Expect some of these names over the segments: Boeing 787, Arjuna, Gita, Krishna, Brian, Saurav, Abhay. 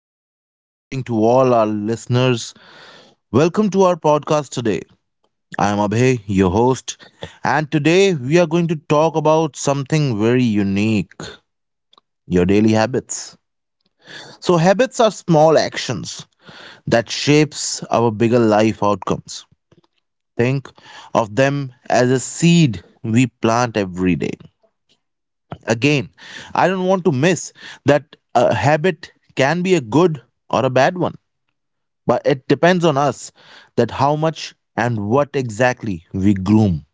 A very good morning to all our listeners. Welcome to our podcast today. I am Abhay, your host, and today we are going to talk about something very unique: your daily habits. So, habits are small actions that shapes our bigger life outcomes. Think of them as a seed we plant every day. Again, I don't want to miss that a habit can be a good or a bad one, but it depends on us that how much and what exactly we groom,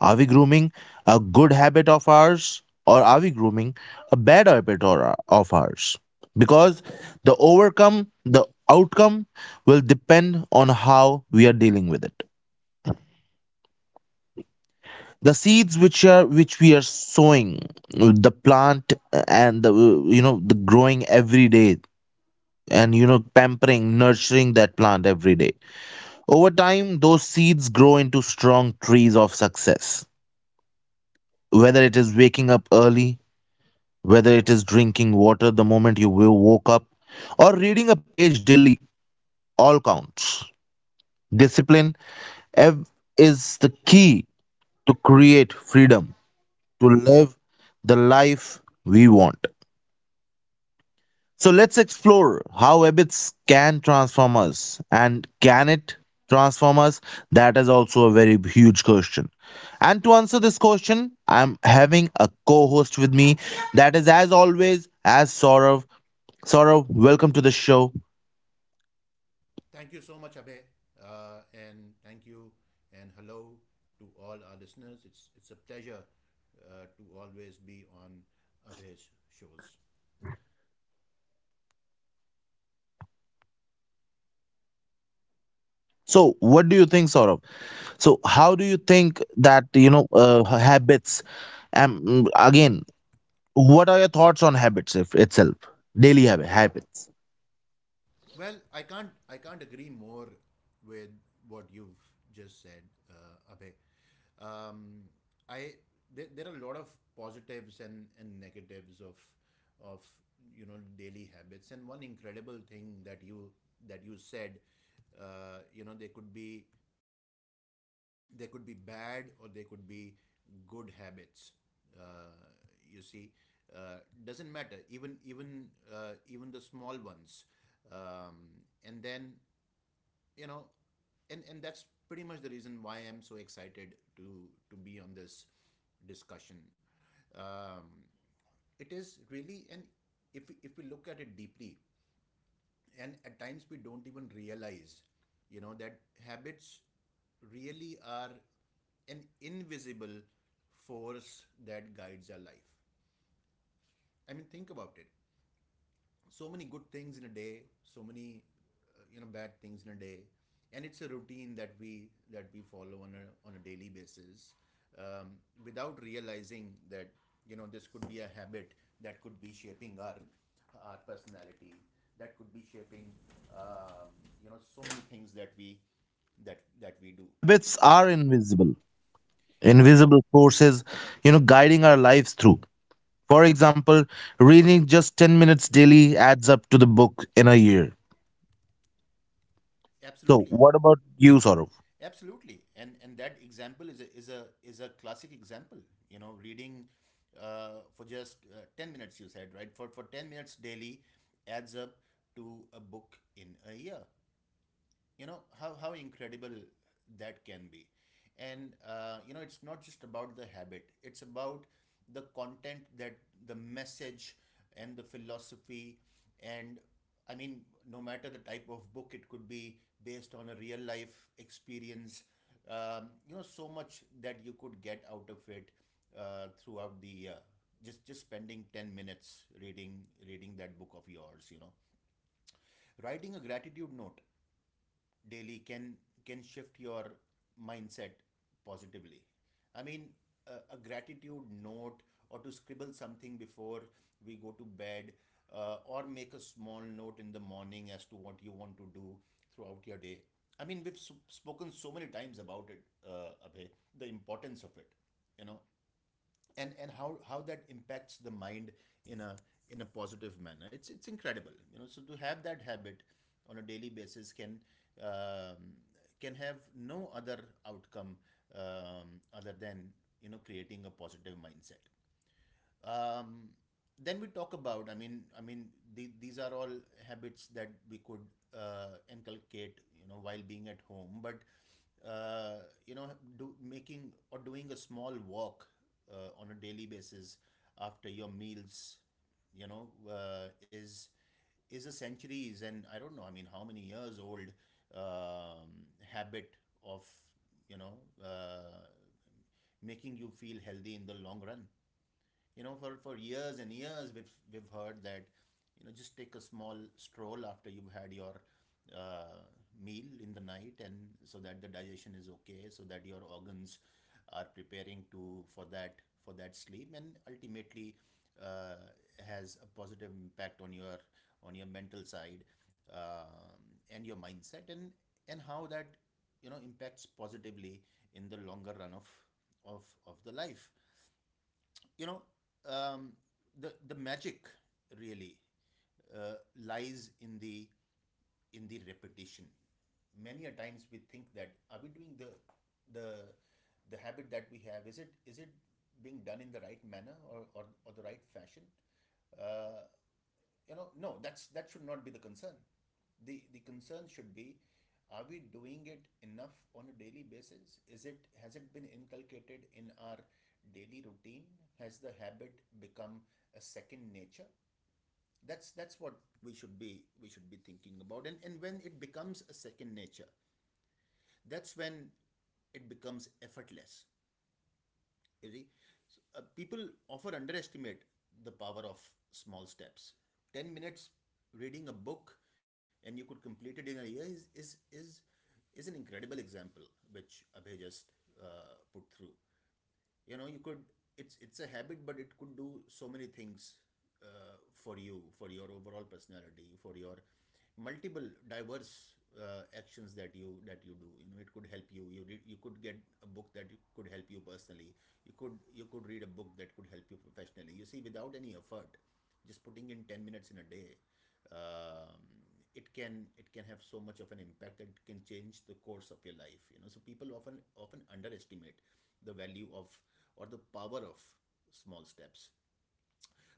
are we grooming a good habit of ours, or are we grooming a bad habit or, of ours, because the outcome will depend on how we are dealing with it, the seeds which are which we are sowing, the plant, and the the growing every day, and you know pampering, nurturing that plant every day. Over time, those seeds grow into strong trees of success. Whether it is waking up early, whether it is drinking water the moment you woke up, or reading a page daily, all counts. Discipline ev- is the key to create freedom, to live the life we want. So let's explore how habits can transform us, and can it transform us? That is also a very huge question. And to answer this question, I'm having a co host with me. That is, as always, as Saurav. Saurav, welcome to the show. Thank you so much, Abhay, and thank you and hello to all our listeners. It's a pleasure to always be on Abhay's shows. So, what do you think, Saurav? So, how do you think that, habits, again, what are your thoughts on habits if itself? Daily habits. Well, I can't agree more with what you've just said, Abhay. Um, I there are a lot of positives and negatives of you know daily habits, and one incredible thing that you said, you know, they could be bad, or they could be good habits. uh, you see, uh, doesn't matter, even the small ones, and then, you know, and that's pretty much the reason why I'm so excited to be on this discussion. um, it is really, and if we look at it deeply, and at times we don't even realize, you know, that habits really are an invisible force that guides our life. I mean, think about it. So many good things in a day, so many, you know, bad things in a day, and it's a routine that we follow on a daily basis, um, without realizing that you know this could be a habit that could be shaping our personality, that could be shaping, um, you know, so many things that I we couldn't agree more. that we do. Habits are invisible, Yeah, invisible forces, you know, guiding our lives through. For example, reading just 10 minutes daily adds up to the book in a year. So, absolutely. what about you, Saurav? Absolutely, and that example is a is a classic example. You know, reading, for just 10 minutes, you said, right? For 10 minutes daily adds up to a book in a year. You know how incredible that can be. And, you know, it's not just about the habit, it's about the content, that, the message and the philosophy, and I mean, no matter the type of book, it could be based on a real life experience. You know, so much that you could get out of it, throughout the, just spending 10 minutes reading, reading that book of yours. You know, writing a gratitude note daily can shift your mindset positively. I mean, a gratitude note, or to scribble something before we go to bed, or make a small note in the morning as to what you want to do throughout your day. I mean, we've spoken so many times about it, Abhay, the importance of it, you know, and how that impacts the mind in a in a positive manner. It's incredible, you know, so to have that habit on a daily basis can, um, can have no other outcome, other than, you know, creating a positive mindset. um, then we talk about, I mean, these are all habits that we could, inculcate, you know, while being at home. But, uh, you know, do making or doing a small walk, on a daily basis after your meals, you know, is a centuries, and I don't know, I mean, how many years old, um, habit of, you know, uh, making you feel healthy in the long run. You know, for years and years we've heard that, you know, just take a small stroll after you've had your, uh, meal in the night, and so that the digestion is okay, so that your organs are preparing to, for that, for that sleep, and ultimately, uh, has a positive impact on your mental side, um, and your mindset, and how that, you know, impacts positively in the longer run of of the life, you know. um, the magic really, lies in the repetition. Many a times we think that, are we doing the the habit that we have, is it, is it being done in the right manner, or or the right fashion, uh, you know? No, that's, that should not be the concern. The concern should be, are we doing it enough on a daily basis, is it, has it been inculcated in our daily routine, has the habit become a second nature? That's what we should be thinking about. And when it becomes a second nature, that's when it becomes effortless, you see. So, people often underestimate the power of small steps. 10 minutes reading a book and you could complete it in a year is an incredible example, which Abhay just, uh, put through. You know, you could, it's a habit, but it could do so many things, uh, for you, for your overall personality, for your multiple diverse, actions that you do. You know, it could help you, you read, you could get a book that could help you personally, you could read a book that could help you professionally, you see, without any effort, just putting in 10 minutes in a day. um, it can, it can have so much of an impact that it can change the course of your life. You know, so people often underestimate the value of, or the power of, small steps.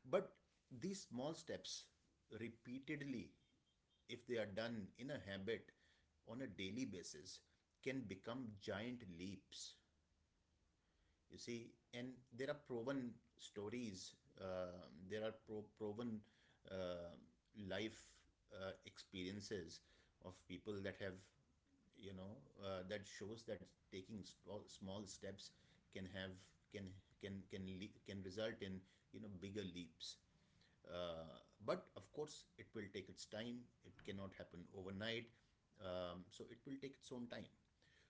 But these small steps, repeatedly, if they are done in a habit, on a daily basis, can become giant leaps, you see. And there are proven stories, there are proven, uh, life, experiences of people that have, you know, that shows that taking small steps can have, can can, can result in, you know, bigger leaps. uh, but of course, it will take its time, it cannot happen overnight. So it will take its own time.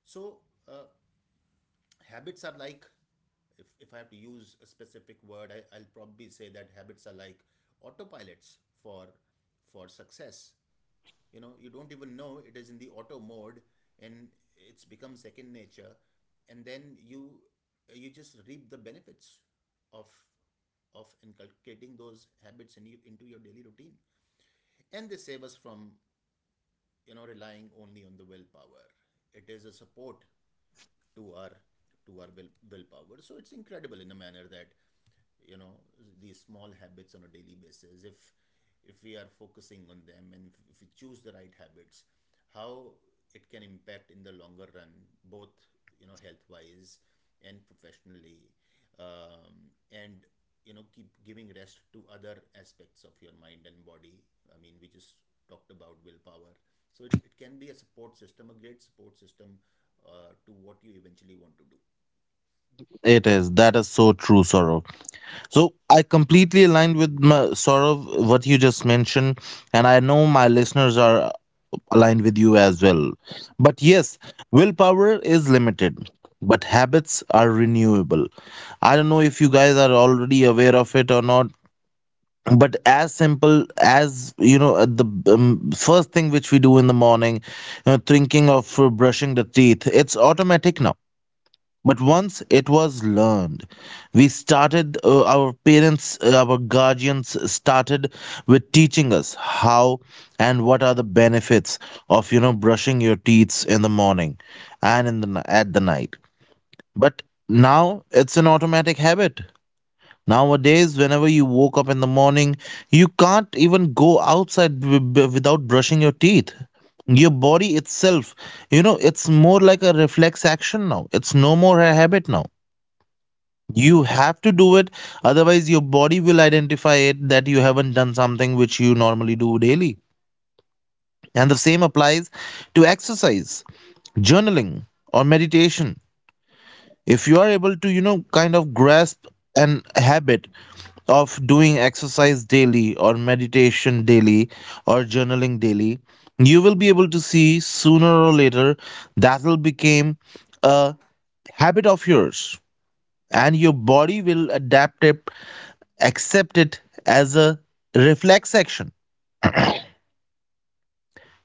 So, uh, habits are like, if I have to use a specific word, I'll probably say that habits are like autopilots for success. You know, you don't even know it is in the auto mode, and it's become second nature, and then you just reap the benefits of inculcating those habits in you, into your daily routine. And they save us from, you know, relying only on the willpower. It is a support to our to our willpower. So it's incredible in a manner that, you know, these small habits on a daily basis. If we are focusing on them, and if we choose the right habits, how it can impact in the longer run, both, you know, health wise and professionally, and you know, keep giving rest to other aspects of your mind and body. I mean, we just talked about willpower. So it can be a support system, a great support system, to what you eventually want to do. It is. That is so true, Saurav. So I completely aligned with Saurav, what you just mentioned, and I know my listeners are align with you as well. But yes, willpower is limited, but habits are renewable. I don't know if you guys are already aware of it or not. But as simple as, you know, at the first thing which we do in the morning, you know, thinking of brushing the teeth, it's automatic now, but once it was learned, we our our guardians started with teaching us how and what are the benefits of, you know, brushing your teeth in the morning and in the, at the night. But now it's an automatic habit. Nowadays, whenever you woke up in the morning, you can't even go outside without brushing your teeth, your body itself, you know, it's more like a reflex action now, it's no more a habit now, you have to do it, otherwise, your body will identify it that you haven't done something which you normally do daily. And the same applies to exercise, journaling, or meditation. If you are able to, you know, kind of grasp an habit of doing exercise daily, or meditation daily, or journaling daily, you will be able to see sooner or later that will become a habit of yours, and your body will adapt it, accept it as a reflex action.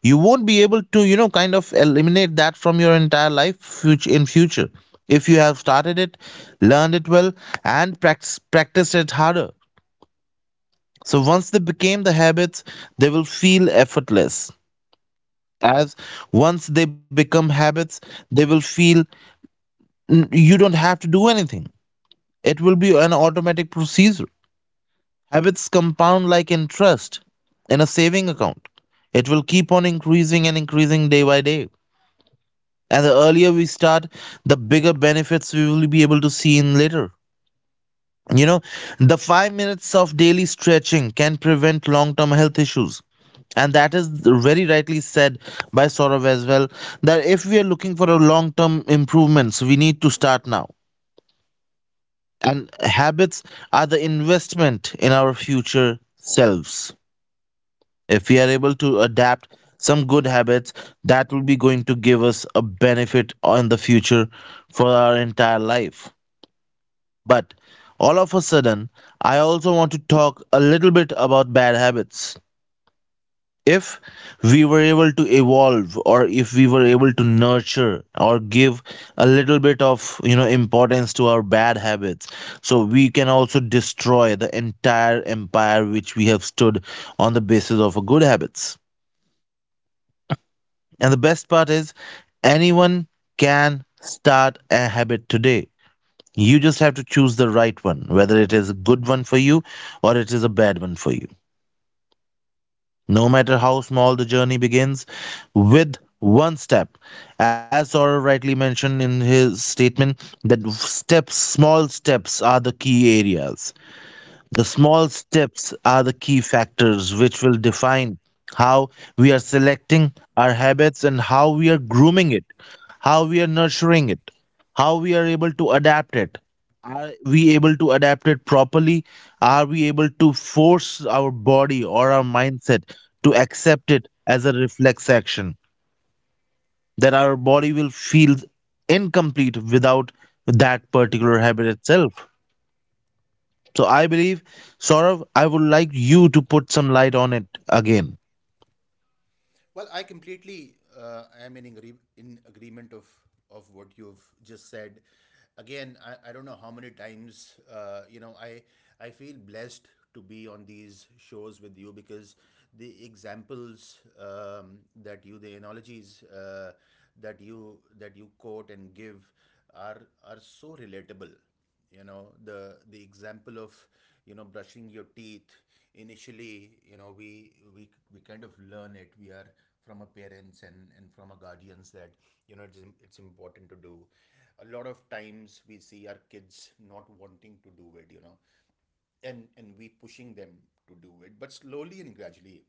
You won't be able to, you know, kind of eliminate that from your entire life in future if you have started it, learned it well, and practiced it harder. So once they became the habits, they will feel effortless. As once they become habits, they will feel, you don't have to do anything, it will be an automatic procedure. Habits compound like interest in a saving account. It will keep on increasing and increasing day by day. And the earlier we start, the bigger benefits we will be able to see in later. You know, the 5 minutes of daily stretching can prevent long term health issues. And that is very rightly said by Saurav as well, that if we are looking for a long term improvements, we need to start now. And habits are the investment in our future selves. If we are able to adapt some good habits, that will be going to give us a benefit in the future for our entire life. But all of a sudden, I also want to talk a little bit about bad habits. If we were able to evolve, or if we were able to nurture or give a little bit of, you know, importance to our bad habits, so we can also destroy the entire empire which we have stood on the basis of a good habits. And the best part is, anyone can start a habit today. You just have to choose the right one, whether it is a good one for you or it is a bad one for you. No matter how small the journey begins, with one step, as Saurabh rightly mentioned in his statement, that step, small steps are the key areas. The small steps are the key factors which will define how we are selecting our habits and how we are grooming it, how we are nurturing it, how we are able to adapt it. Are we able to adapt it properly? Are we able to force our body or our mindset to accept it as a reflex action? That our body will feel incomplete without that particular habit itself. So I believe, Saurav, I would like you to put some light on it again. Well, I completely, am in agreement of what you've just said. Again, I don't know how many times, you know, I feel blessed to be on these shows with you because the examples that you the analogies that you quote and give are so relatable you know the example of you know brushing your teeth initially you know we kind of learn it we are from our parents and from our guardians that you know it's, im- it's important to do a lot of times we see our kids not wanting to do it you know and we pushing them to do it but slowly and gradually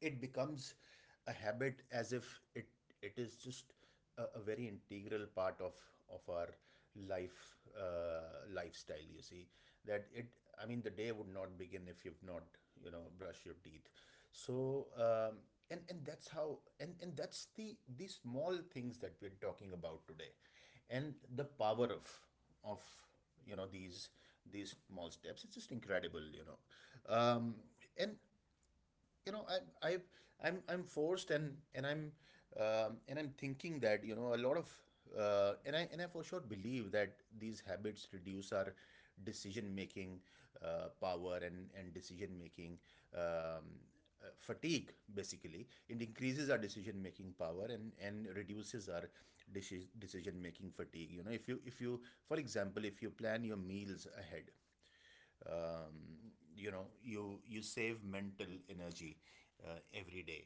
it becomes a habit as if it it is just a very integral part of our life lifestyle you see that it I mean the day would not begin if you've not you know brush your teeth so and that's how and that's the small things that we're talking about today and the power of you know these small steps it's just incredible you know um, and you know I, I'm forced, and I'm, and I'm thinking that, you know, a lot of, and I for sure believe that these habits reduce our decision making, power, and decision making, um, fatigue. Basically, it increases our decision making power, and reduces our decision making fatigue. You know, if you, if you for example, if you plan your meals ahead, you know, you save mental energy, every day.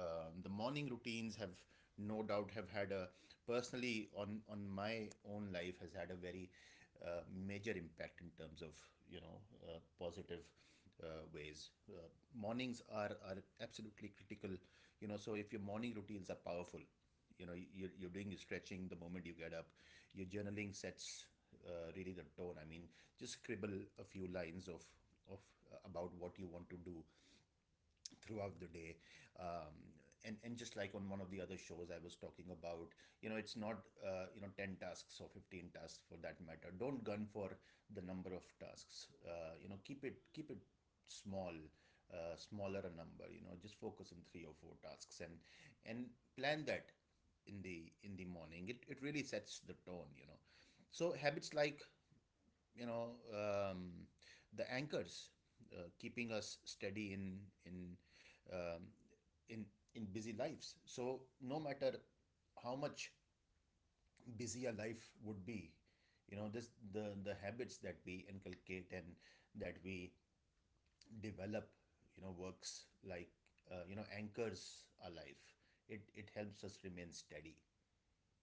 The morning routines have, no doubt, have had a, personally, on my own life, has had a very, uh, major impact in terms of, you know, positive, uh, ways. Mornings are absolutely critical. You know, so if your morning routines are powerful, you know, you're doing your stretching the moment you get up, your journaling sets, really the tone. I mean, just scribble a few lines of about what you want to do throughout the day um, and just like on one of the other shows I was talking about. You know, it's not 10 tasks or 15 tasks, for that matter. Don't gun for the number of tasks, you know, keep it small, smaller a number. You know, just focus on three or four tasks and and plan that in the morning. It really sets the tone, you know. So habits like, you know um, the anchors, keeping us steady in in um, in busy lives. So no matter how much busy a life would be, you know, this the habits that we inculcate and that we develop, you know, works like, anchors our life. It helps us remain steady,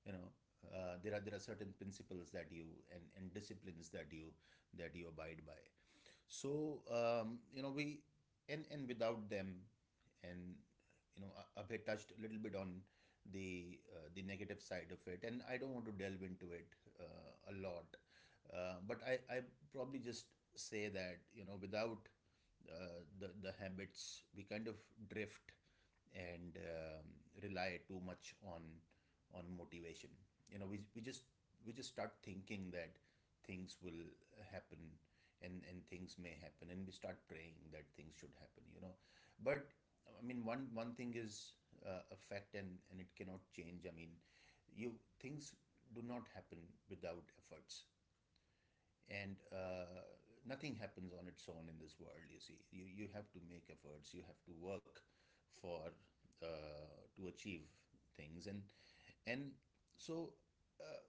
you know. There are certain principles that you and disciplines that you abide by. So you know, we and without them, and you know Abhay touched a little bit on the negative side of it, and I don't want to delve into it a lot, but I probably just say that, you know, without the habits we kind of drift and rely too much on motivation. You know, we just start thinking that things will happen, and things may happen, and we start praying that things should happen, you know. But I mean, one thing is a fact and it cannot change. I mean, you things do not happen without efforts. And nothing happens on its own in this world, you see. You have to make efforts, you have to work for, uh, to achieve things, and so, uh,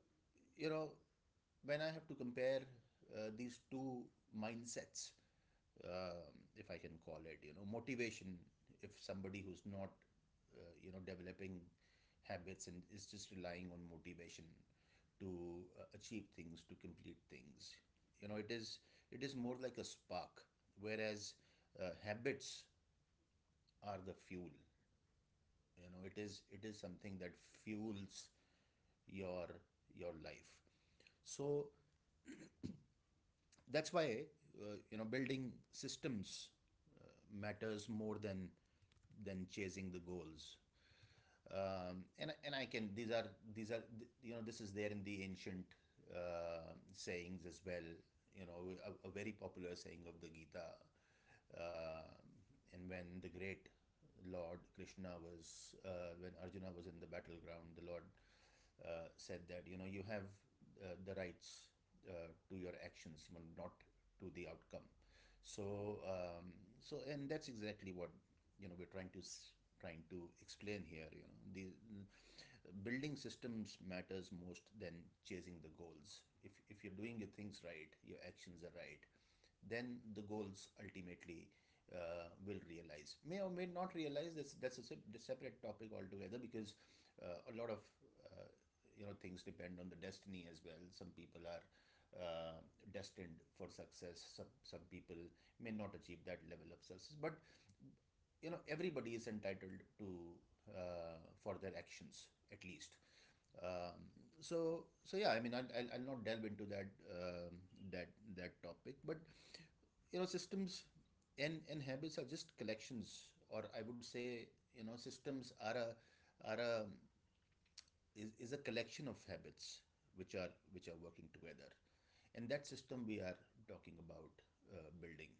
you know when I have to compare these two mindsets, um, if I can call it, you know, motivation. If somebody who's not, you know, developing habits and is just relying on motivation to achieve things, to complete things, you know, it is, it is more like a spark, whereas habits are the fuel. You know, it is, it is something that fuels your life. So that's why, you know, building systems uh, matters more than chasing the goals. And I can, these are, these are, you know, this is there in the ancient sayings as well, you know. A very popular saying of the Gita, uh, and when the great Lord Krishna was, when Arjuna was in the battleground, the Lord said that, you know, you have the rights to your actions, but not to the outcome. So, and that's exactly what, you know, we're trying to explain here, you know. Mm, Building systems matters most than chasing the goals. If you're doing your things right, your actions are right, then the goals ultimately, will realize. May or may not realize. That's a separate topic altogether, because a lot of uh, you know, things depend on the destiny as well. Some people are uh, destined for success. Some people may not achieve that level of success, but you know, everybody is entitled to, for their actions at least. um, so so yeah, I mean, I'll not delve into that, that that topic. But you know, systems and habits are just collections, or I would say, you know, systems are a, are a is a collection of habits which are working together, and that system we are talking about building,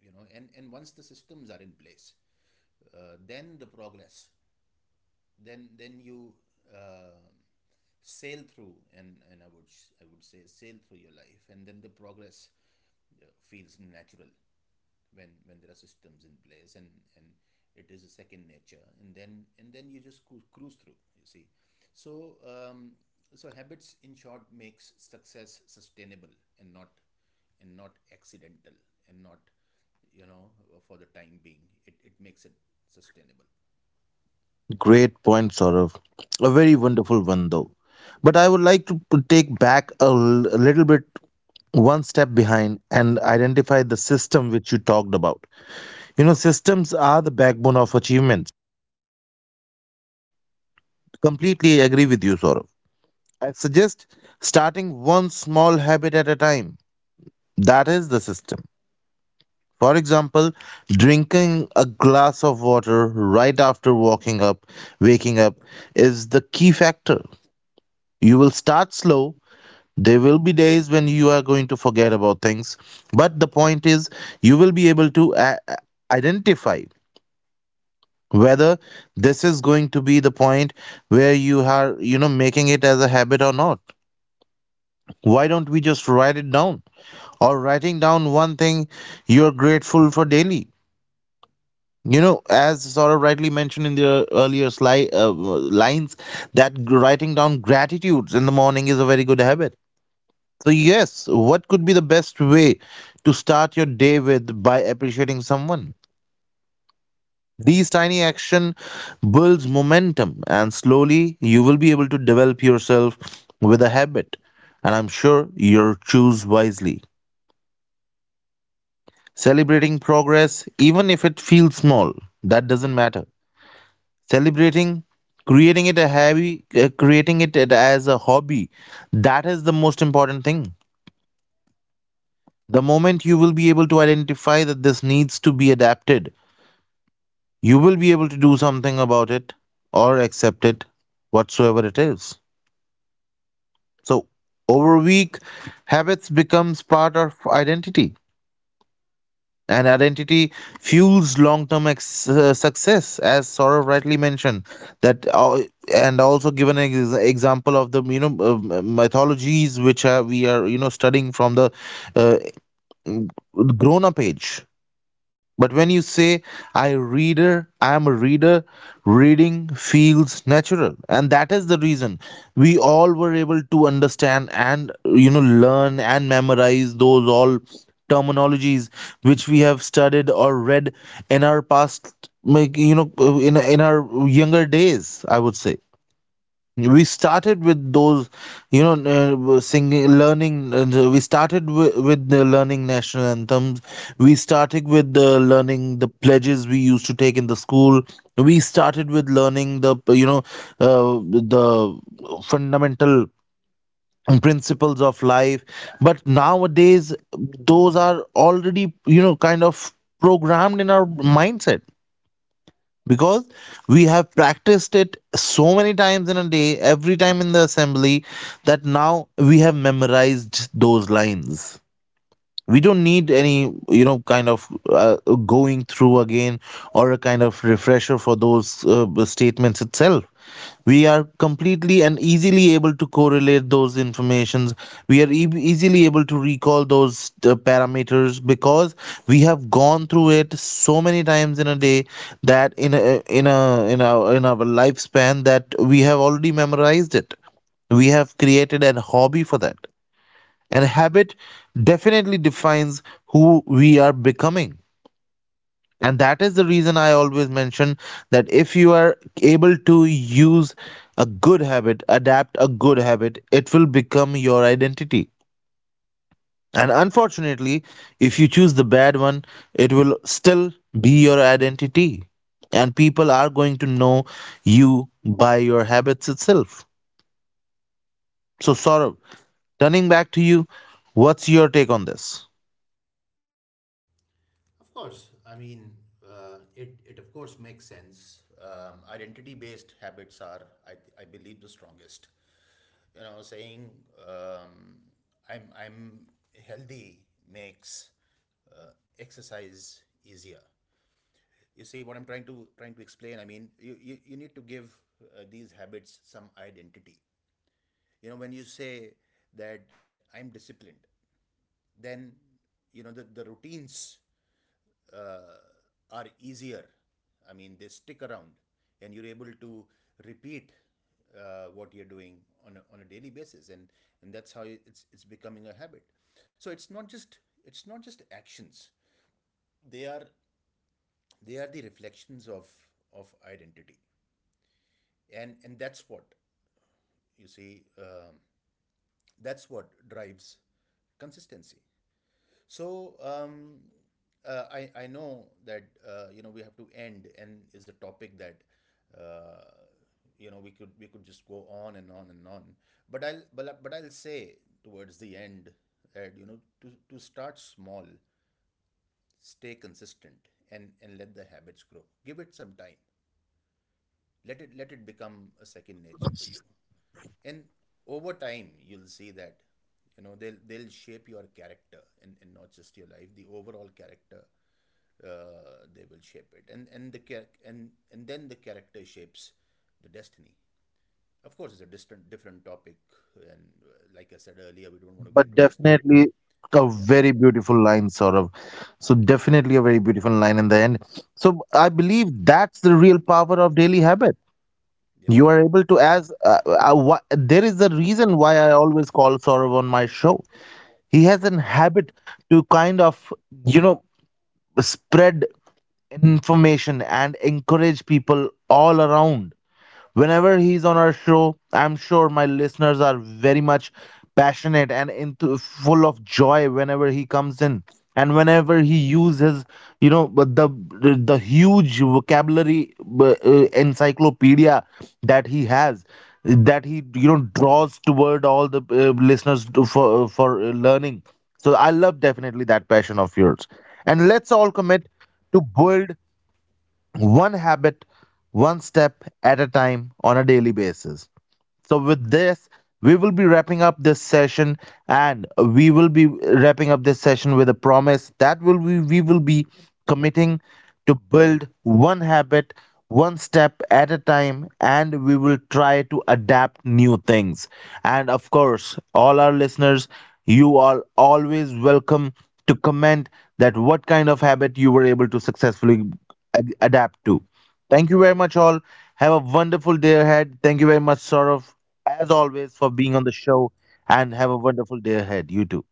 you know. And once the systems are in place, then the progress, then you uh, sail through, and I would I would say sail through your life, and then the progress feels natural when there are systems in place, and it is a second nature, and then you just cruise through, you see. so um, so habits, in short, makes success sustainable, and not and not accidental, and not you know for the time being, it makes it sustainable. Great point, Saurav. A very wonderful one, though. But I would like to take back a little bit, one step behind, and identify the system which you talked about. You know, systems are the backbone of achievement. Completely agree with you, Saurav. I suggest starting one small habit at a time. That is the system. For example, drinking a glass of water right after waking up is the key factor. You will start slow. There will be days when you are going to forget about things, but the point is you will be able to identify whether this is going to be the point where you are, you know, making it as a habit or not. Why don't we just write it down? Or writing down one thing you're grateful for daily. You know, as Saurabh rightly mentioned in the earlier lines, that writing down gratitudes in the morning is a very good habit. So, yes, what could be the best way to start your day with by appreciating someone? These tiny action builds momentum, and slowly you will be able to develop yourself with a habit. And I'm sure you'll choose wisely. Celebrating progress, even if it feels small, that doesn't matter. Celebrating, creating it as a hobby, that is the most important thing. The moment you will be able to identify that this needs to be adapted, you will be able to do something about it or accept it, whatsoever it is. So over a week, habits becomes part of identity, and identity fuels long-term success, as Saurabh rightly mentioned, that and also given an example of the, you know, mythologies which are, we are, you know, studying from the uh, grown up age. But when you say I am a reader, reading feels natural. And that is the reason we all were able to understand, and you know, learn and memorize those all terminologies which we have studied or read in our past. Make, you know, in our younger days, I would say, we started with those, you know, singing learning, we started with the learning national anthems, we started with the learning the pledges we used to take in the school, we started with learning the, you know, uh, the fundamental principles of life. But nowadays, those are already, you know, kind of programmed in our mindset, because we have practiced it so many times in a day, every time in the assembly, that now we have memorized those lines. We don't need any, you know, kind of going through again, or a kind of refresher for those statements itself. We are completely and easily able to correlate those informations. We are easily able to recall those parameters, because we have gone through it so many times in a day, that in a, in a in our lifespan, that we have already memorized it. We have created a hobby for that, and habit definitely defines who we are becoming. And that is the reason I always mention that if you are able to use a good habit, adapt a good habit, it will become your identity. And unfortunately, if you choose the bad one, it will still be your identity, and people are going to know you by your habits itself. So Saurabh, turning back to you, what's your take on this? Of course, I mean, it of course makes sense. Identity based habits are, I, I believe, the strongest. You know, saying um, I'm healthy makes exercise easier. You see what I'm trying to explain? I mean, you need to give these habits some identity. You know, when you say that I'm disciplined, then you know the routines uh, are easier. I mean, they stick around, and you're able to repeat what you're doing on a daily basis, and that's how it's becoming a habit. So it's not just, it's not just actions. They are, they are the reflections of identity, and that's what you see. That's what drives consistency. So I know that, you know, we have to end, and is a topic that, uh, you know, we could just go on and on and on. But I'll say towards the end that, you know, to start small, stay consistent, and let the habits grow. Give it some time. Let it become a second nature for you. And over time, you'll see that, you know, they'll shape your character, and not just your life, the overall character, they will shape it, and then the character shapes the destiny. Of course, it's a distant, different topic, and like I said earlier, we don't want to get But into destiny. definitely a Yeah, very beautiful line, sort of. So definitely a very beautiful line in the end. So I believe that's the real power of daily habit. yeah. You are able to as there is a reason why I always call Saurav on my show. He has an habit to kind of, you know, spread information and encourage people all around. Whenever he's on our show, I'm sure my listeners are very much passionate and into full of joy whenever he comes in. And whenever he uses, you know, but the huge vocabulary, encyclopedia that he has, that he, you know, draws toward all the listeners for learning. So I love definitely that passion of yours. And let's all commit to build one habit, one step at a time on a daily basis. So, with this, we will be wrapping up this session, and we will be wrapping up this session with a promise that we will be committing to build one habit, one step at a time, and we will try to adapt new things. And of course, all our listeners, you are always welcome to comment that what kind of habit you were able to successfully adapt to. Thank you very much, all. Have a wonderful day ahead. Thank you very much, Saurav, as always, for being on the show, and have Thank a you. wonderful day ahead. You too.